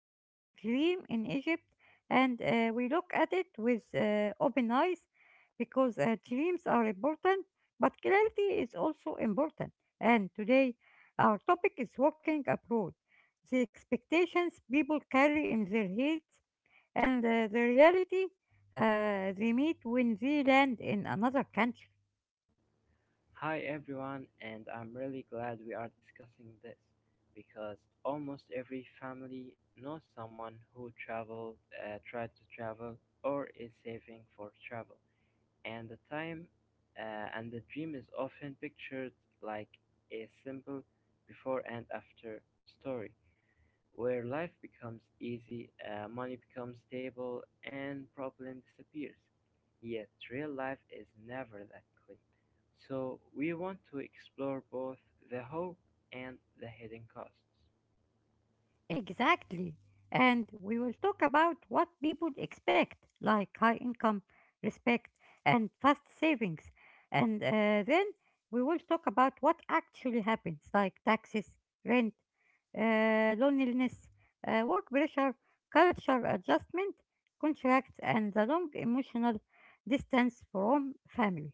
a common dream in Egypt and we look at it with open eyes because dreams are important, but clarity is also important. And today, our topic is working abroad, the expectations people carry in their heads and the reality they meet when they land in another country. Hi everyone, and I'm really glad we are discussing this because almost every family knows someone who traveled, tried to travel, or is saving for travel. And the time and the dream is often pictured like a simple before and after story where life becomes easy, money becomes stable, and problem disappears. Yet real life is never that clean. So we want to explore both the hope and the hidden costs. Exactly. And we will talk about what people expect, like high income, respect, and fast savings. And Then we will talk about what actually happens, like taxes, rent, loneliness, work pressure, culture adjustment, contracts, and the long emotional distance from family.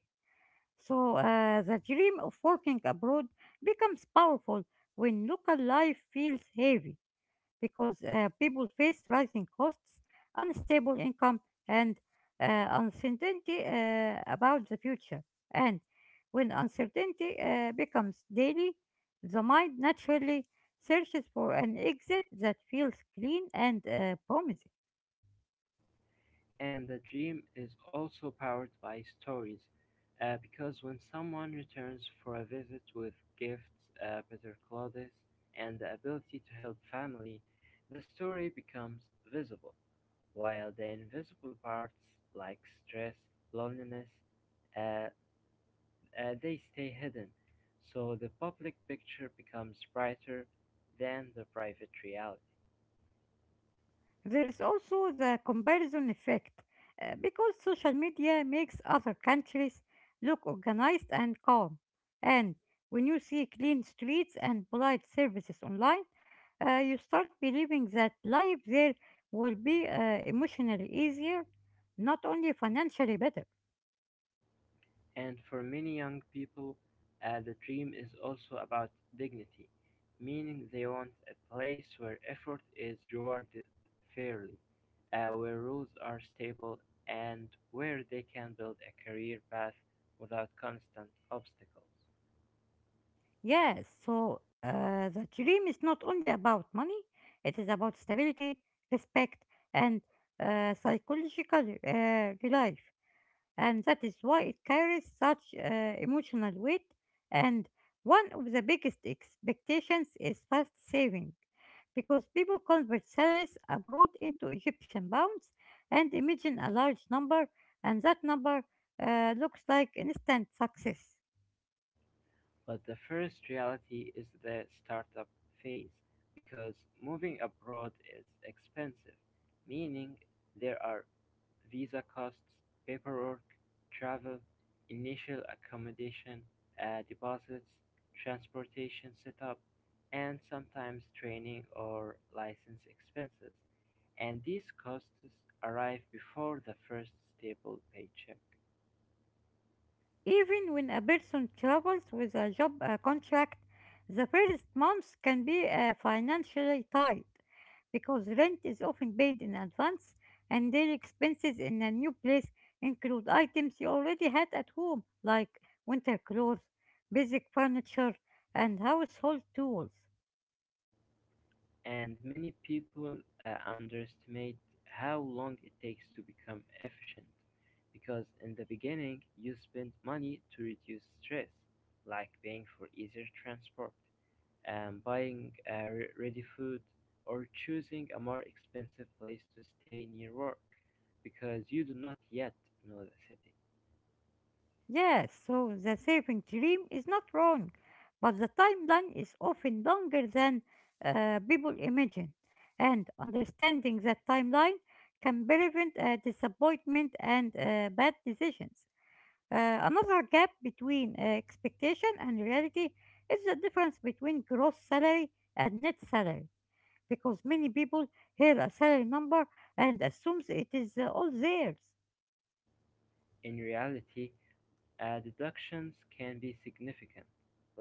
So the dream of working abroad becomes powerful when local life feels heavy because people face rising costs, unstable income, and uncertainty about the future. And when uncertainty becomes daily, the mind naturally searches for an exit that feels clean and promising. And the dream is also powered by stories, because when someone returns for a visit with gifts, better clothes, and the ability to help family, the story becomes visible, while the invisible parts like stress, loneliness, uh, they stay hidden, so the public picture becomes brighter than the private reality. There is also the comparison effect because social media makes other countries look organized and calm. And when you see clean streets and polite services online, you start believing that life there will be emotionally easier, not only financially better. And for many young people, the dream is also about dignity, meaning they want a place where effort is rewarded fairly, where rules are stable, and where they can build a career path without constant obstacles. Yes, so the dream is not only about money, it is about stability, respect, and psychological relief. And that is why it carries such emotional weight. And one of the biggest expectations is fast saving because people convert salaries abroad into Egyptian pounds and imagine a large number, and that number looks like instant success. But the first reality is the startup phase because moving abroad is expensive, meaning there are visa costs, paperwork, travel, initial accommodation, deposits, transportation setup, and sometimes training or license expenses. And these costs arrive before the first stable paycheck. Even when a person travels with a job contract, the first months can be financially tight because rent is often paid in advance and daily expenses in a new place include items you already had at home like winter clothes, basic furniture, and household tools. And many people underestimate how long it takes to become efficient because in the beginning you spend money to reduce stress like paying for easier transport, buying ready food or choosing a more expensive place to stay near work because you do not yet know the city. Yes, so the saving dream is not wrong, but the timeline is often longer than people imagine, and understanding that timeline can prevent disappointment and bad decisions. Another gap between expectation and reality is the difference between gross salary and net salary, because many people hear a salary number and assumes it is all theirs. In reality, deductions can be significant,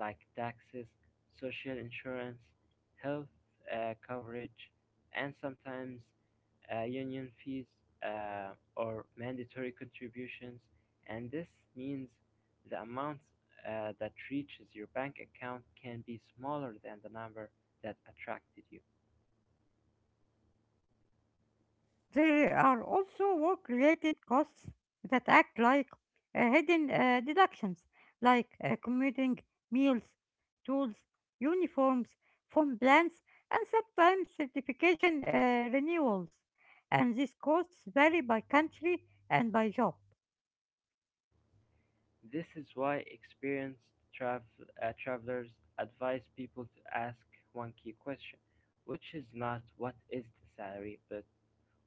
like taxes, social insurance, health coverage, and sometimes union fees or mandatory contributions, and this means the amount that reaches your bank account can be smaller than the number that attracted you. There are also work related costs that act like hidden deductions, like commuting, meals, tools, uniforms, phone plans, and sometimes certification renewals. And these costs vary by country and by job. This is why experienced travel travelers advise people to ask one key question, which is not what is the salary, but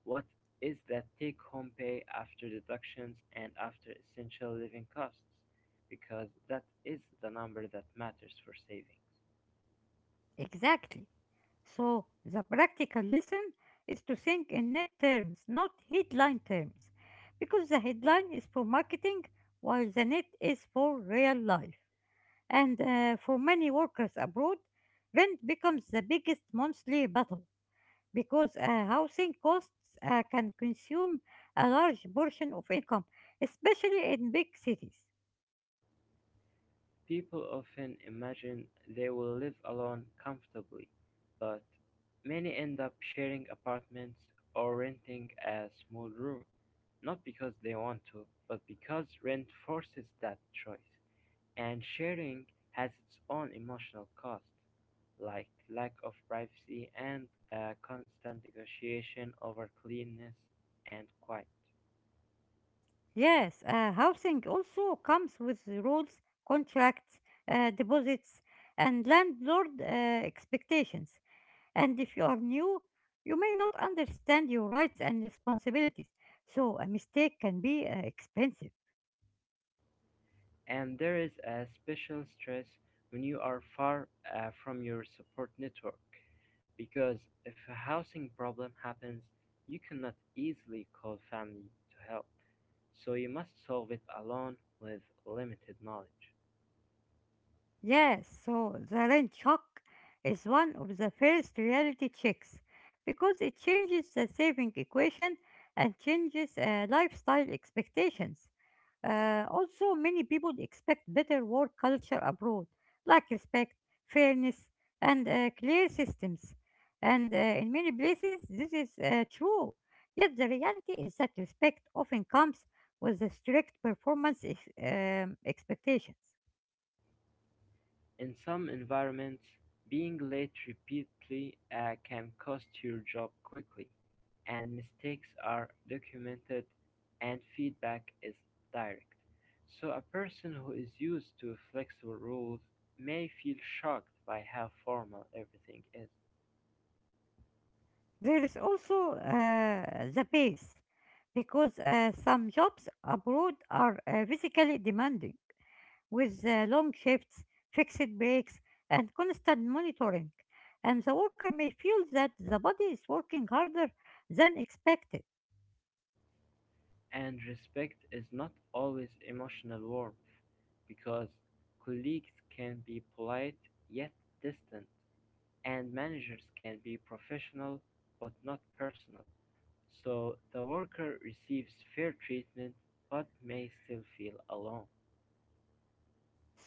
what is that take home pay after deductions and after essential living costs? Because that is the number that matters for savings. Exactly. So, the practical lesson is to think in net terms, not headline terms, because the headline is for marketing while the net is for real life. And for many workers abroad, rent becomes the biggest monthly battle because housing costs can consume a large portion of income, especially in big cities. People often imagine they will live alone comfortably, but many end up sharing apartments or renting a small room, not because they want to, but because rent forces that choice. And sharing has its own emotional cost, like lack of privacy and a constant negotiation over cleanliness and quiet. Yes, housing also comes with rules, contracts, deposits, and landlord expectations. And if you are new, you may not understand your rights and responsibilities, so a mistake can be expensive. And there is a special stress when you are far from your support network, because if a housing problem happens, you cannot easily call family to help, so you must solve it alone with limited knowledge. Yes, so the rent shock is one of the first reality checks because it changes the saving equation and changes lifestyle expectations. Also, many people expect better work culture abroad, like respect, fairness, and clear systems. And in many places, this is true. Yet, the reality is that respect often comes with the strict performance expectations. In some environments, being late repeatedly can cost your job quickly, and mistakes are documented and feedback is direct. So, a person who is used to flexible rules may feel shocked by how formal everything is. There is also the pace because some jobs abroad are physically demanding with long shifts, fixed breaks, and constant monitoring, and the worker may feel that the body is working harder than expected. And respect is not always emotional warmth, because colleagues can be polite yet distant and managers can be professional but not personal, so the worker receives fair treatment but may still feel alone.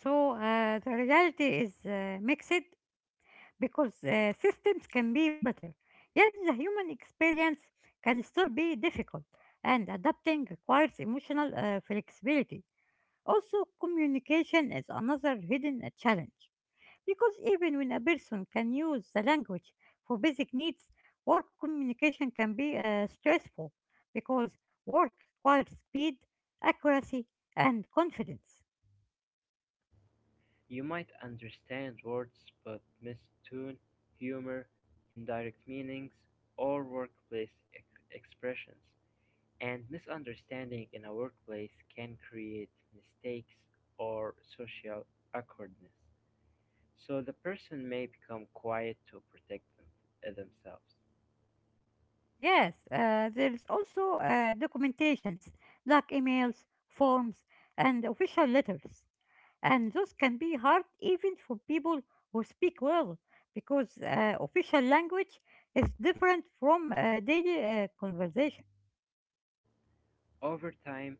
So the reality is mixed because systems can be better. Yet the human experience can still be difficult, and adapting requires emotional flexibility. Also, communication is another hidden challenge. Because even when a person can use the language for basic needs, work communication can be stressful because work requires speed, accuracy, and confidence. You might understand words but miss tone, humor, indirect meanings, or workplace expressions. And misunderstanding in a workplace can create mistakes or social awkwardness. So the person may become quiet to protect themselves. Yes, there is also documentations like emails, forms, and official letters. And those can be hard even for people who speak well because official language is different from daily conversation. Over time,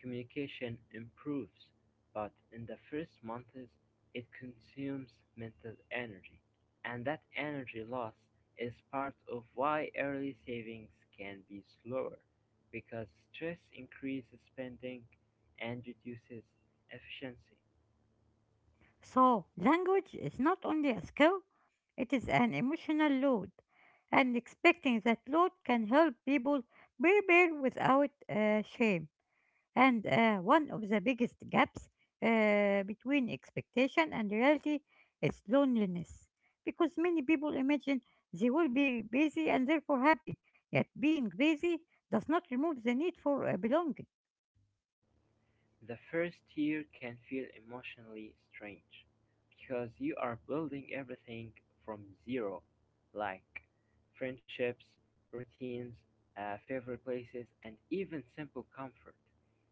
communication improves, but in the first months it consumes mental energy, and that energy loss is part of why early savings can be slower because stress increases spending and reduces efficiency. So, language is not only a skill, it is an emotional load. And expecting that load can help people prepare without shame. And one of the biggest gaps between expectation and reality is loneliness. Because many people imagine they will be busy and therefore happy, yet being busy does not remove the need for belonging. The first year can feel emotionally strange, because you are building everything from zero, like friendships, routines, favorite places, and even simple comfort.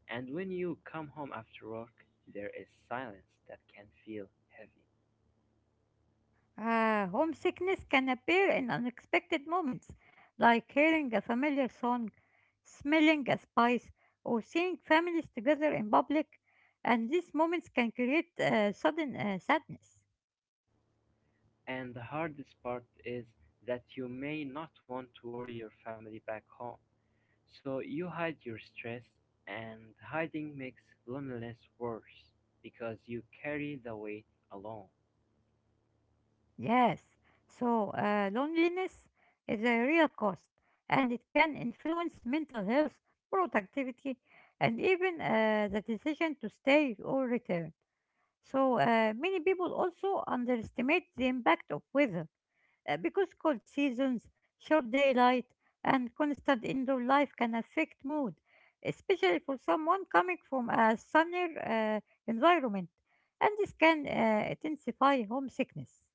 And when you come home after work, there is silence that can feel heavy. Homesickness can appear in unexpected moments, like hearing a familiar song, smelling a spice, or seeing families together in public, and these moments can create sudden sadness. And the hardest part is that you may not want to worry your family back home. So you hide your stress, and hiding makes loneliness worse because you carry the weight alone. Yes, so loneliness is a real cost and it can influence mental health, productivity, and even the decision to stay or return. So, many people also underestimate the impact of weather because cold seasons, short daylight, and constant indoor life can affect mood, especially for someone coming from a sunnier environment, and this can intensify homesickness.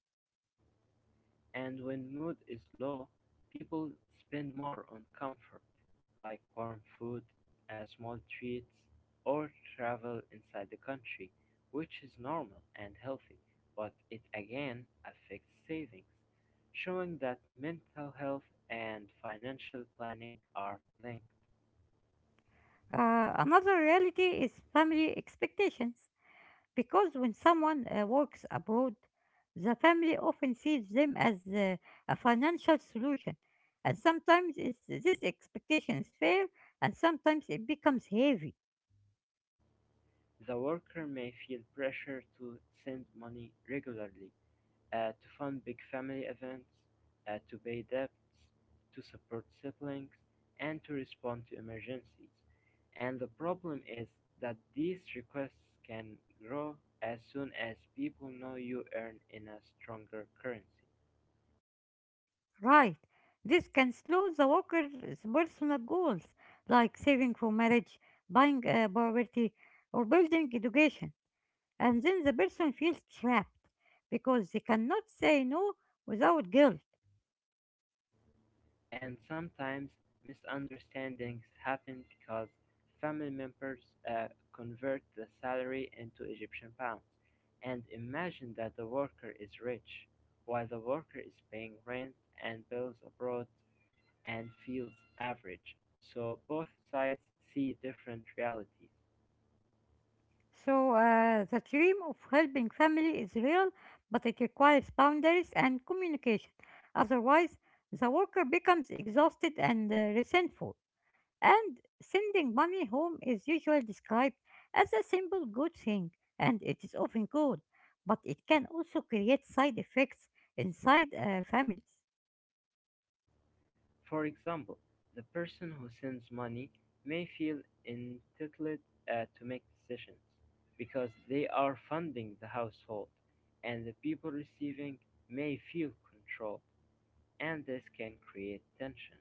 And when mood is low, people spend more on comfort, like warm food, small treats, or travel inside the country, which is normal and healthy, but it again affects savings, showing that mental health and financial planning are linked. Another reality is family expectations because when someone works abroad, the family often sees them as a financial solution, and sometimes this expectation is fair and sometimes it becomes heavy. The worker may feel pressure to send money regularly, to fund big family events, to pay debts, to support siblings, and to respond to emergencies. And the problem is that these requests can grow as soon as people know you earn in a stronger currency. Right. This can slow the worker's personal goals like saving for marriage, buying a property, or building education, and then the person feels trapped because they cannot say no without guilt. And sometimes misunderstandings happen because family members uh, convert the salary into Egyptian pounds and imagine that the worker is rich while the worker is paying rent and bills abroad and feels average. So both sides see different realities. So, the dream of helping family is real, but it requires boundaries and communication. Otherwise, the worker becomes exhausted and resentful. And sending money home is usually described as a simple good thing, and it is often good, but it can also create side effects inside families. For example, the person who sends money may feel entitled to make decisions because they are funding the household, and the people receiving may feel controlled, and this can create tension.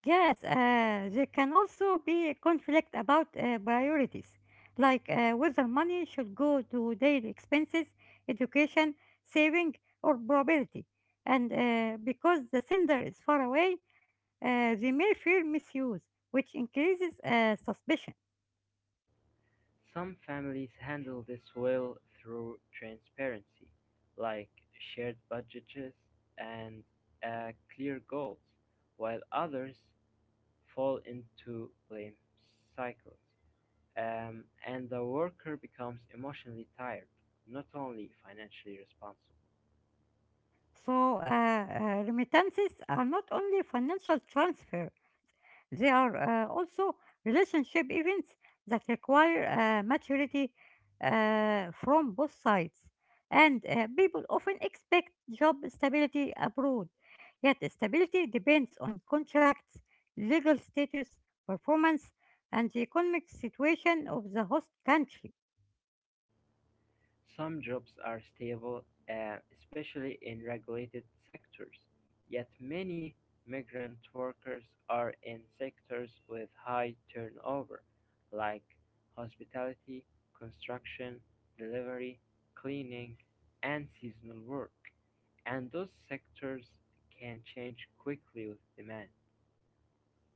Yes, there can also be a conflict about priorities, like whether money should go to daily expenses, education, saving, or probability. And because the sender is far away, they may fear misuse, which increases suspicion. Some families handle this well through transparency, like shared budgets and clear goals, while others fall into blame cycles. And the worker becomes emotionally tired, not only financially responsible. So, remittances are not only financial transfers. There are also relationship events that require maturity from both sides. And people often expect job stability abroad, yet stability depends on contracts, legal status, performance, and the economic situation of the host country. Some jobs are stable, especially in regulated sectors, yet many migrant workers are in sectors with high turnover, like hospitality, construction, delivery, cleaning, and seasonal work. And those sectors can change quickly with demand.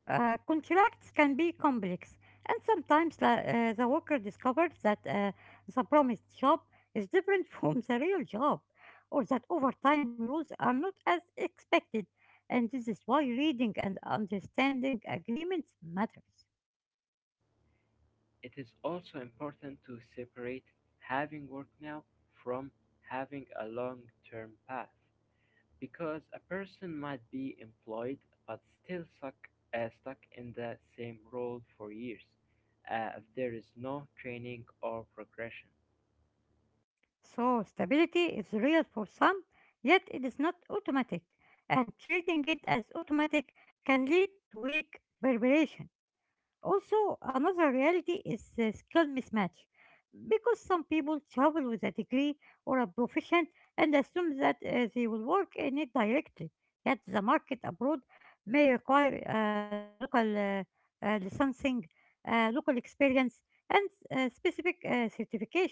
Contracts can be complex, and sometimes the worker discovers that the promised job is different from the real job, or that overtime rules are not as expected. And this is why reading and understanding agreements matters. It is also important to separate having work now from having a long-term path because a person might be employed but still stuck stuck in the same role for years if there is no training or progression. So, stability is real for some, yet it is not automatic, and treating it as automatic can lead to weak preparation. Also, another reality is skill mismatch because some people travel with a degree or a profession and assume that they will work in it directly. Yet the market abroad may require local licensing, local experience, and specific certification.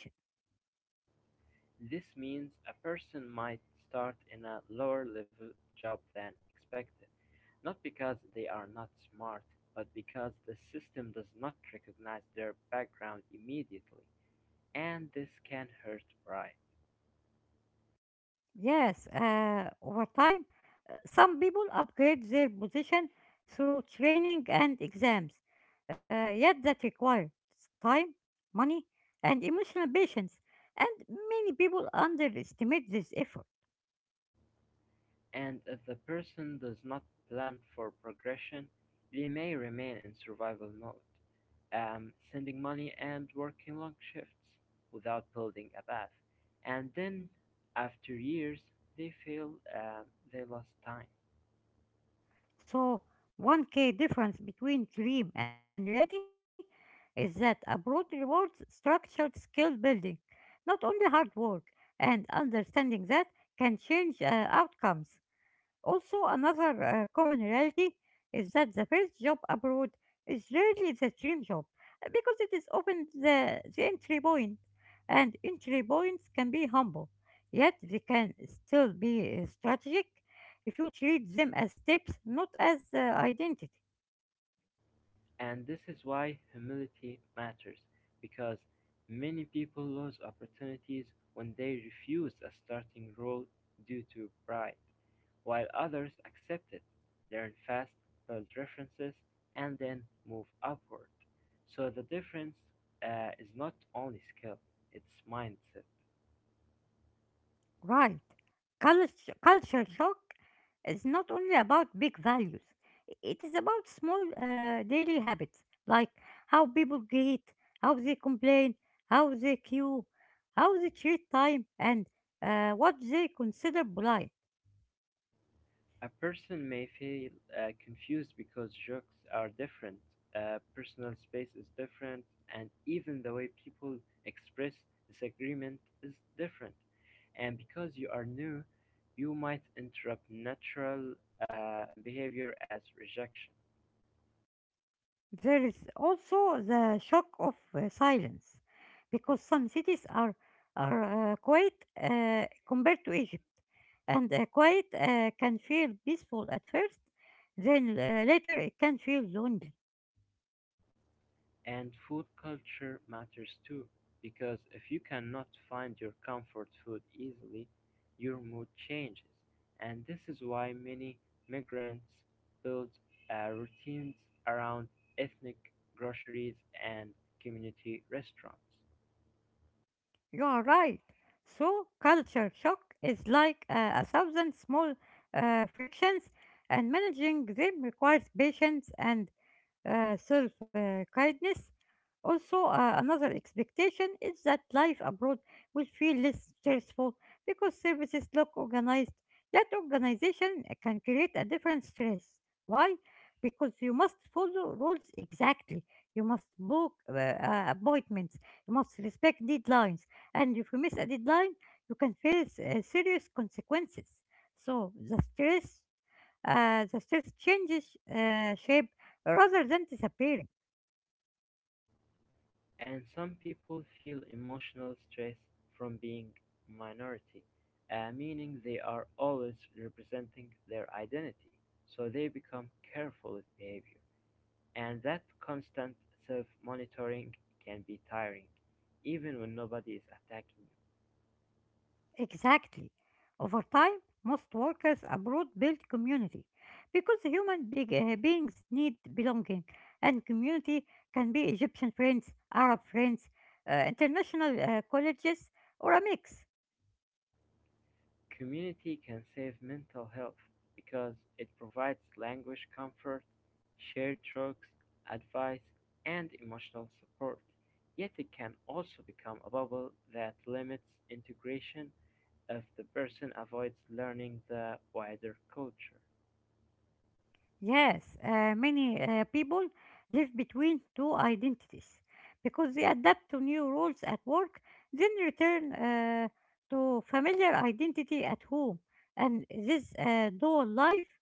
This means a person might start in a lower level job than expected, not because they are not smart, but because the system does not recognize their background immediately. And this can hurt pride, Yes, over time some people upgrade their position through training and exams, yet that requires time, money, and emotional patience, and many people underestimate this effort. and if the person does not plan for progression, they may remain in survival mode, sending money and working long shifts without building a path. And then, after years, they feel um, they lost time. So, one key difference between dream and reality is that abroad rewards structured skill building, not only hard work, and understanding that can change outcomes. Also, another common reality is that the first job abroad is rarely the dream job because it is often the entry point, and entry points can be humble, yet they can still be strategic if you treat them as steps, not as identity. And this is why humility matters, because many people lose opportunities when they refuse a starting role due to pride, while others accept it, learn fast, build references, and then move upward. So the difference is not only skill, it's mindset. Right. Culture shock is not only about big values, it is about small daily habits like how people greet, how they complain, how they queue, how they treat time, and what they consider polite. A person may feel confused because jokes are different, personal space is different, and even the way people express disagreement is different. And because you are new, you might interrupt natural behavior as rejection. There is also the shock of silence, because some cities are quiet compared to Egypt, and quiet can feel peaceful at first, then later it can feel lonely. And food culture matters too, because if you cannot find your comfort food easily, your mood changes. And this is why many migrants build routines around ethnic groceries and community restaurants. You are right. So culture shock is like a thousand small frictions, and managing them requires patience and self kindness. Also, another expectation is that life abroad will feel less stressful because services look organized. That organization can create a different stress. Why? Because you must follow rules exactly. You must book appointments. You must respect deadlines. And if you miss a deadline, you can face serious consequences. So the stress changes shape rather than disappearing. And some people feel emotional stress from being minority, meaning they are always representing their identity, so they become careful with behavior. And that constant self-monitoring can be tiring, even when nobody is attacking you. Exactly. Over time, most workers abroad build community because beings need belonging, and community can be Egyptian friends, Arab friends, international colleges, or a mix. Community can save mental health because it provides language comfort, shared jokes, advice, and emotional support. Yet it can also become a bubble that limits integration if the person avoids learning the wider culture. Yes, many people live between two identities because they adapt to new roles at work, then return to familiar identity at home. And this dual life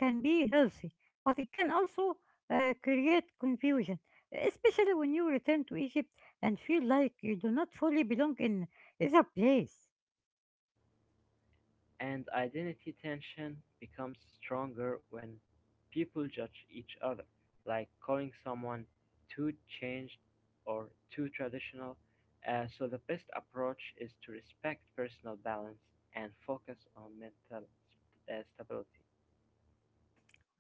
can be healthy, but it can also create confusion, especially when you return to Egypt and feel like you do not fully belong in either place. And identity tension becomes stronger when people judge each other, like calling someone too changed or too traditional. So, the best approach is to respect personal balance and focus on mental stability.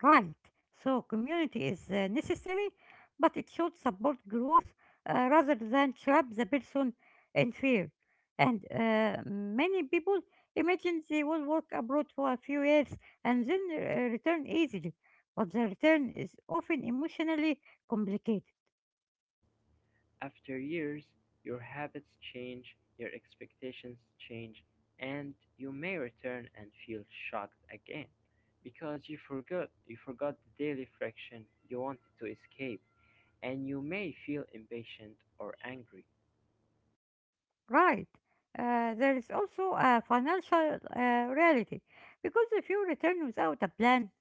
Right, so community is necessary, but it should support growth rather than trap the person in fear. And many people imagine they will work abroad for a few years and then return easily, but the return is often emotionally complicated. After years, your habits change, your expectations change, and you may return and feel shocked again because you forgot the daily friction you wanted to escape and you may feel impatient or angry. Right. There is also a financial reality because if you return without a plan,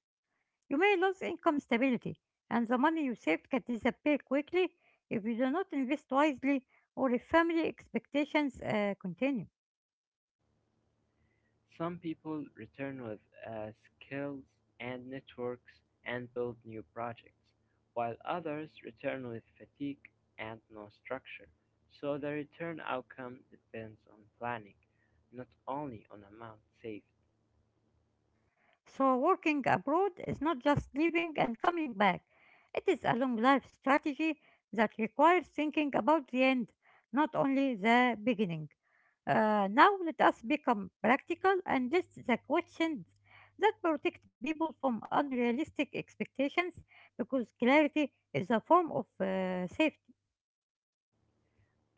you may lose income stability, and the money you saved can disappear quickly if you do not invest wisely or if family expectations continue. Some people return with uh, skills and networks and build new projects, while others return with fatigue and no structure. So the return outcome depends on planning, not only on amount saved. So, working abroad is not just leaving and coming back. It is a long life strategy that requires thinking about the end, not only the beginning. Now, let us become practical and list the questions that protect people from unrealistic expectations because clarity is a form of safety.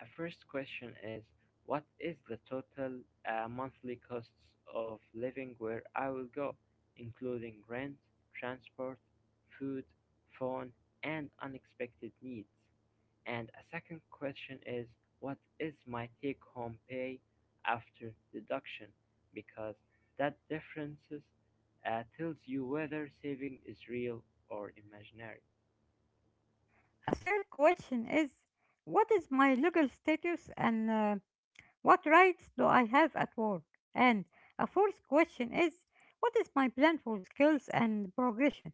A first question is, what is the total monthly costs of living where I will go, including rent, transport, food, phone, and unexpected needs? And a second question is, what is my take home pay after deduction? Because that differences tells you whether saving is real or imaginary. A third question is, what is my legal status and what rights do I have at work? And a fourth question is, what is my plan for skills and progression?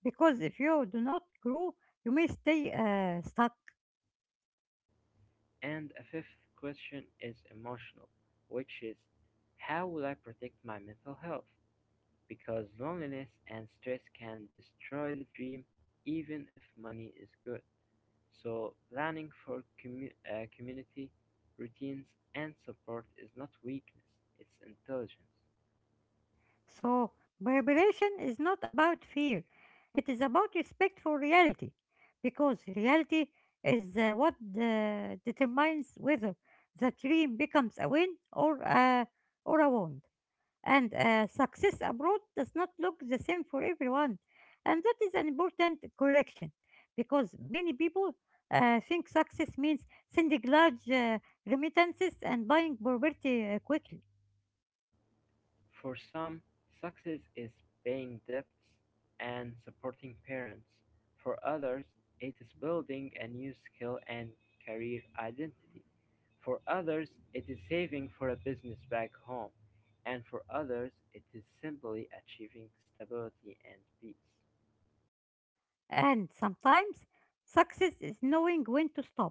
Because if you do not grow, you may stay stuck. And a fifth question is emotional, which is how will I protect my mental health? Because loneliness and stress can destroy the dream even if money is good. So, planning for community, routines, and support is not weakness, it's intelligence. So, preparation is not about fear, it is about respect for reality. Because reality is what determines whether the dream becomes a win or, or a wound. And success abroad does not look the same for everyone. And that is an important correction because many people think success means sending large remittances and buying property quickly. For some, success is paying debts and supporting parents; for others, it is building a new skill and career identity; for others, it is saving for a business back home; and for others, it is simply achieving stability and peace. And sometimes success is knowing when to stop,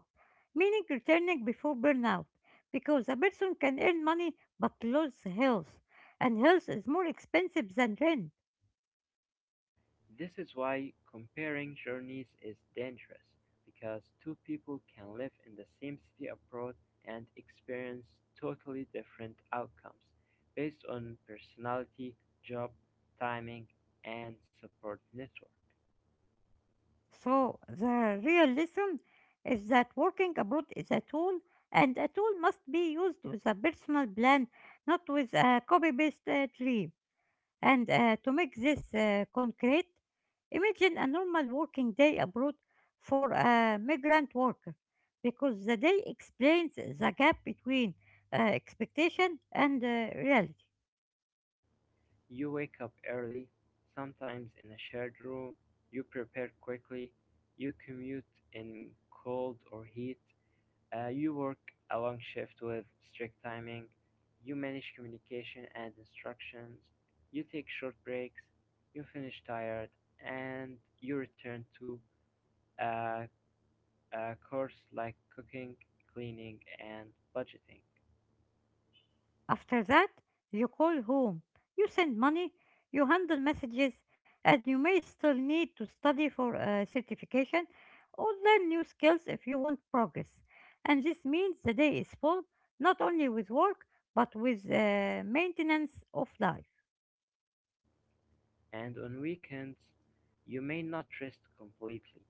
meaning returning before burnout because a person can earn money but lose health, and health is more expensive than rent. This is why comparing journeys is dangerous, because two people can live in the same city abroad and experience totally different outcomes based on personality, job, timing, and support network. So the real lesson is that working abroad is a tool, and a tool must be used with a personal plan, not with a copy-paste dream. And to make this concrete, imagine a normal working day abroad for a migrant worker, because the day explains the gap between expectation and reality. You wake up early, sometimes in a shared room, you prepare quickly, you commute in cold or heat. You work a long shift with strict timing. You manage communication and instructions. You take short breaks. You finish tired, and you return to a, a course like cooking, cleaning, and budgeting. After that, you call home, you send money, you handle messages, and you may still need to study for a certification or learn new skills if you want progress. And this means the day is full, not only with work, but with maintenance of life. And on weekends, you may not rest completely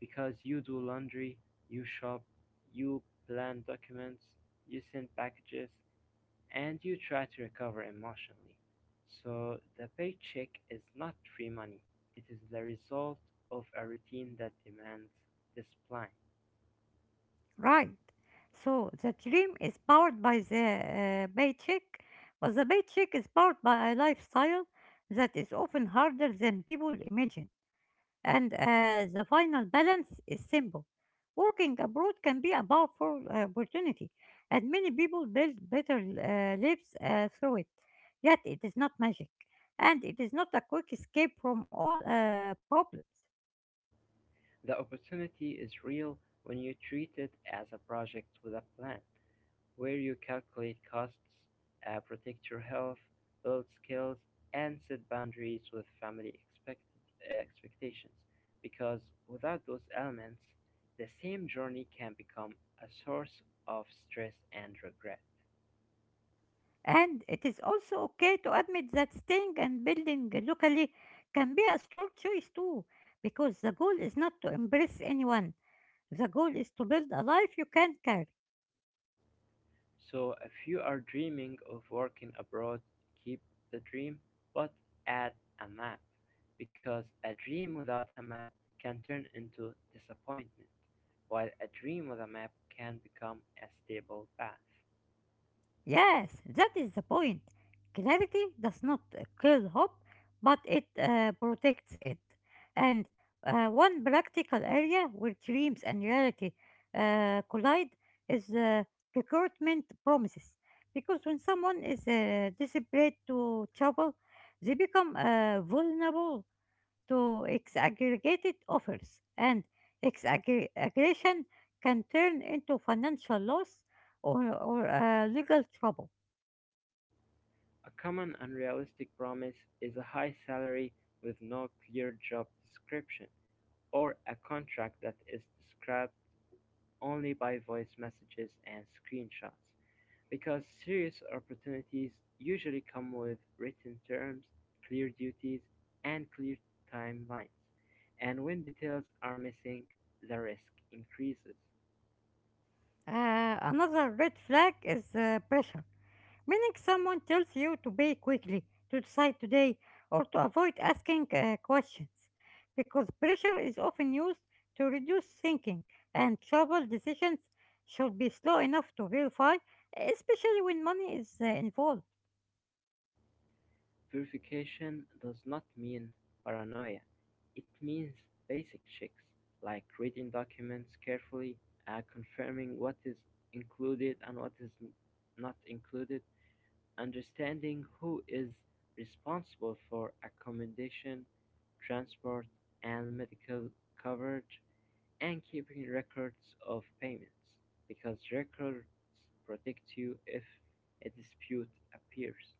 because you do laundry, you shop, you plan documents, you send packages, and you try to recover emotionally. So the paycheck is not free money. It is the result of a routine that demands discipline. Right. So the dream is powered by the paycheck, but the paycheck is powered by a lifestyle that is often harder than people imagine. And the final balance is simple. Working abroad can be a powerful opportunity, and many people build better lives through it. Yet it is not magic, and it is not a quick escape from all problems. The opportunity is real when you treat it as a project with a plan, where you calculate costs, protect your health, build skills, and set boundaries with family expectations. Because without those elements, the same journey can become a source of stress and regret. And it is also okay to admit that staying and building locally can be a strong choice too, because the goal is not to embrace anyone. The goal is to build a life you can carry. So if you are dreaming of working abroad, keep the dream, but add a map, because a dream without a map can turn into disappointment, while a dream with a map can become a stable path. Yes, that is the point. Clarity does not kill hope, but it protects it. And one practical area where dreams and reality collide is recruitment promises. Because when someone is desperate to trouble, they become vulnerable to exaggregated offers, and exaggeration can turn into financial loss or legal trouble. A common unrealistic promise is a high salary with no clear job description, or a contract that is described only by voice messages and screenshots. Because serious opportunities usually come with written terms, clear duties, and clear timelines, and when details are missing, the risk increases. Another red flag is pressure, meaning someone tells you to pay quickly, to decide today, or to avoid asking questions, because pressure is often used to reduce thinking, and trouble decisions should be slow enough to verify, especially when money is involved. Verification does not mean paranoia, it means basic checks like reading documents carefully, confirming what is included and what is not included, understanding who is responsible for accommodation, transport, and medical coverage, and keeping records of payments, because records protect you if a dispute appears.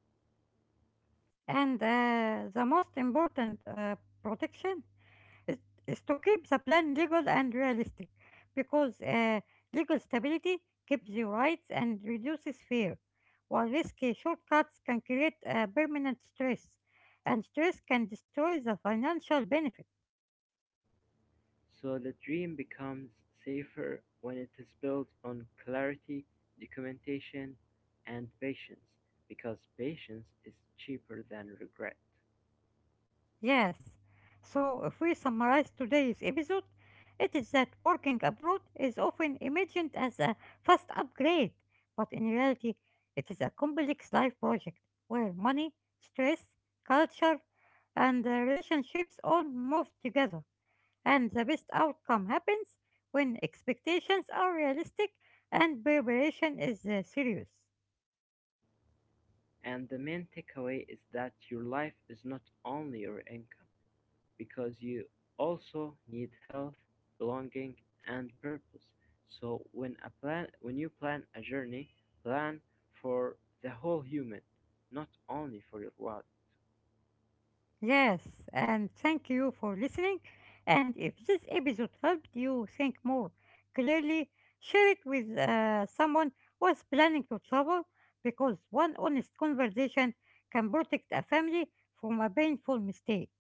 And the most important protection is, is to keep the plan legal and realistic because legal stability keeps your rights and reduces fear, while risky shortcuts can create permanent stress, and stress can destroy the financial benefits. So the dream becomes safer when it is built on clarity, documentation, and patience, because patience is cheaper than regret. Yes. So, if we summarize today's episode, it is that working abroad is often imagined as a fast upgrade, but in reality, it is a complex life project where money, stress, culture, and relationships all move together. And the best outcome happens when expectations are realistic and preparation is serious. And the main takeaway is that your life is not only your income, because you also need health, belonging, and purpose. So when you plan a journey, plan for the whole human, not only for your wallet. Yes, and thank you for listening. And if this episode helped you think more clearly, share it with someone who is planning to travel because one honest conversation can protect a family from a painful mistake.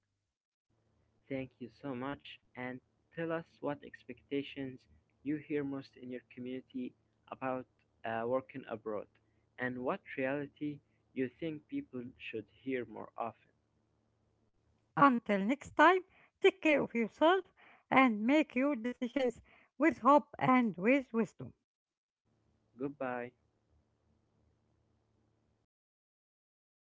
Thank you so much, and tell us what expectations you hear most in your community about working abroad, and what reality you think people should hear more often. Until next time, take care of yourself and make your decisions with hope and with wisdom. Goodbye.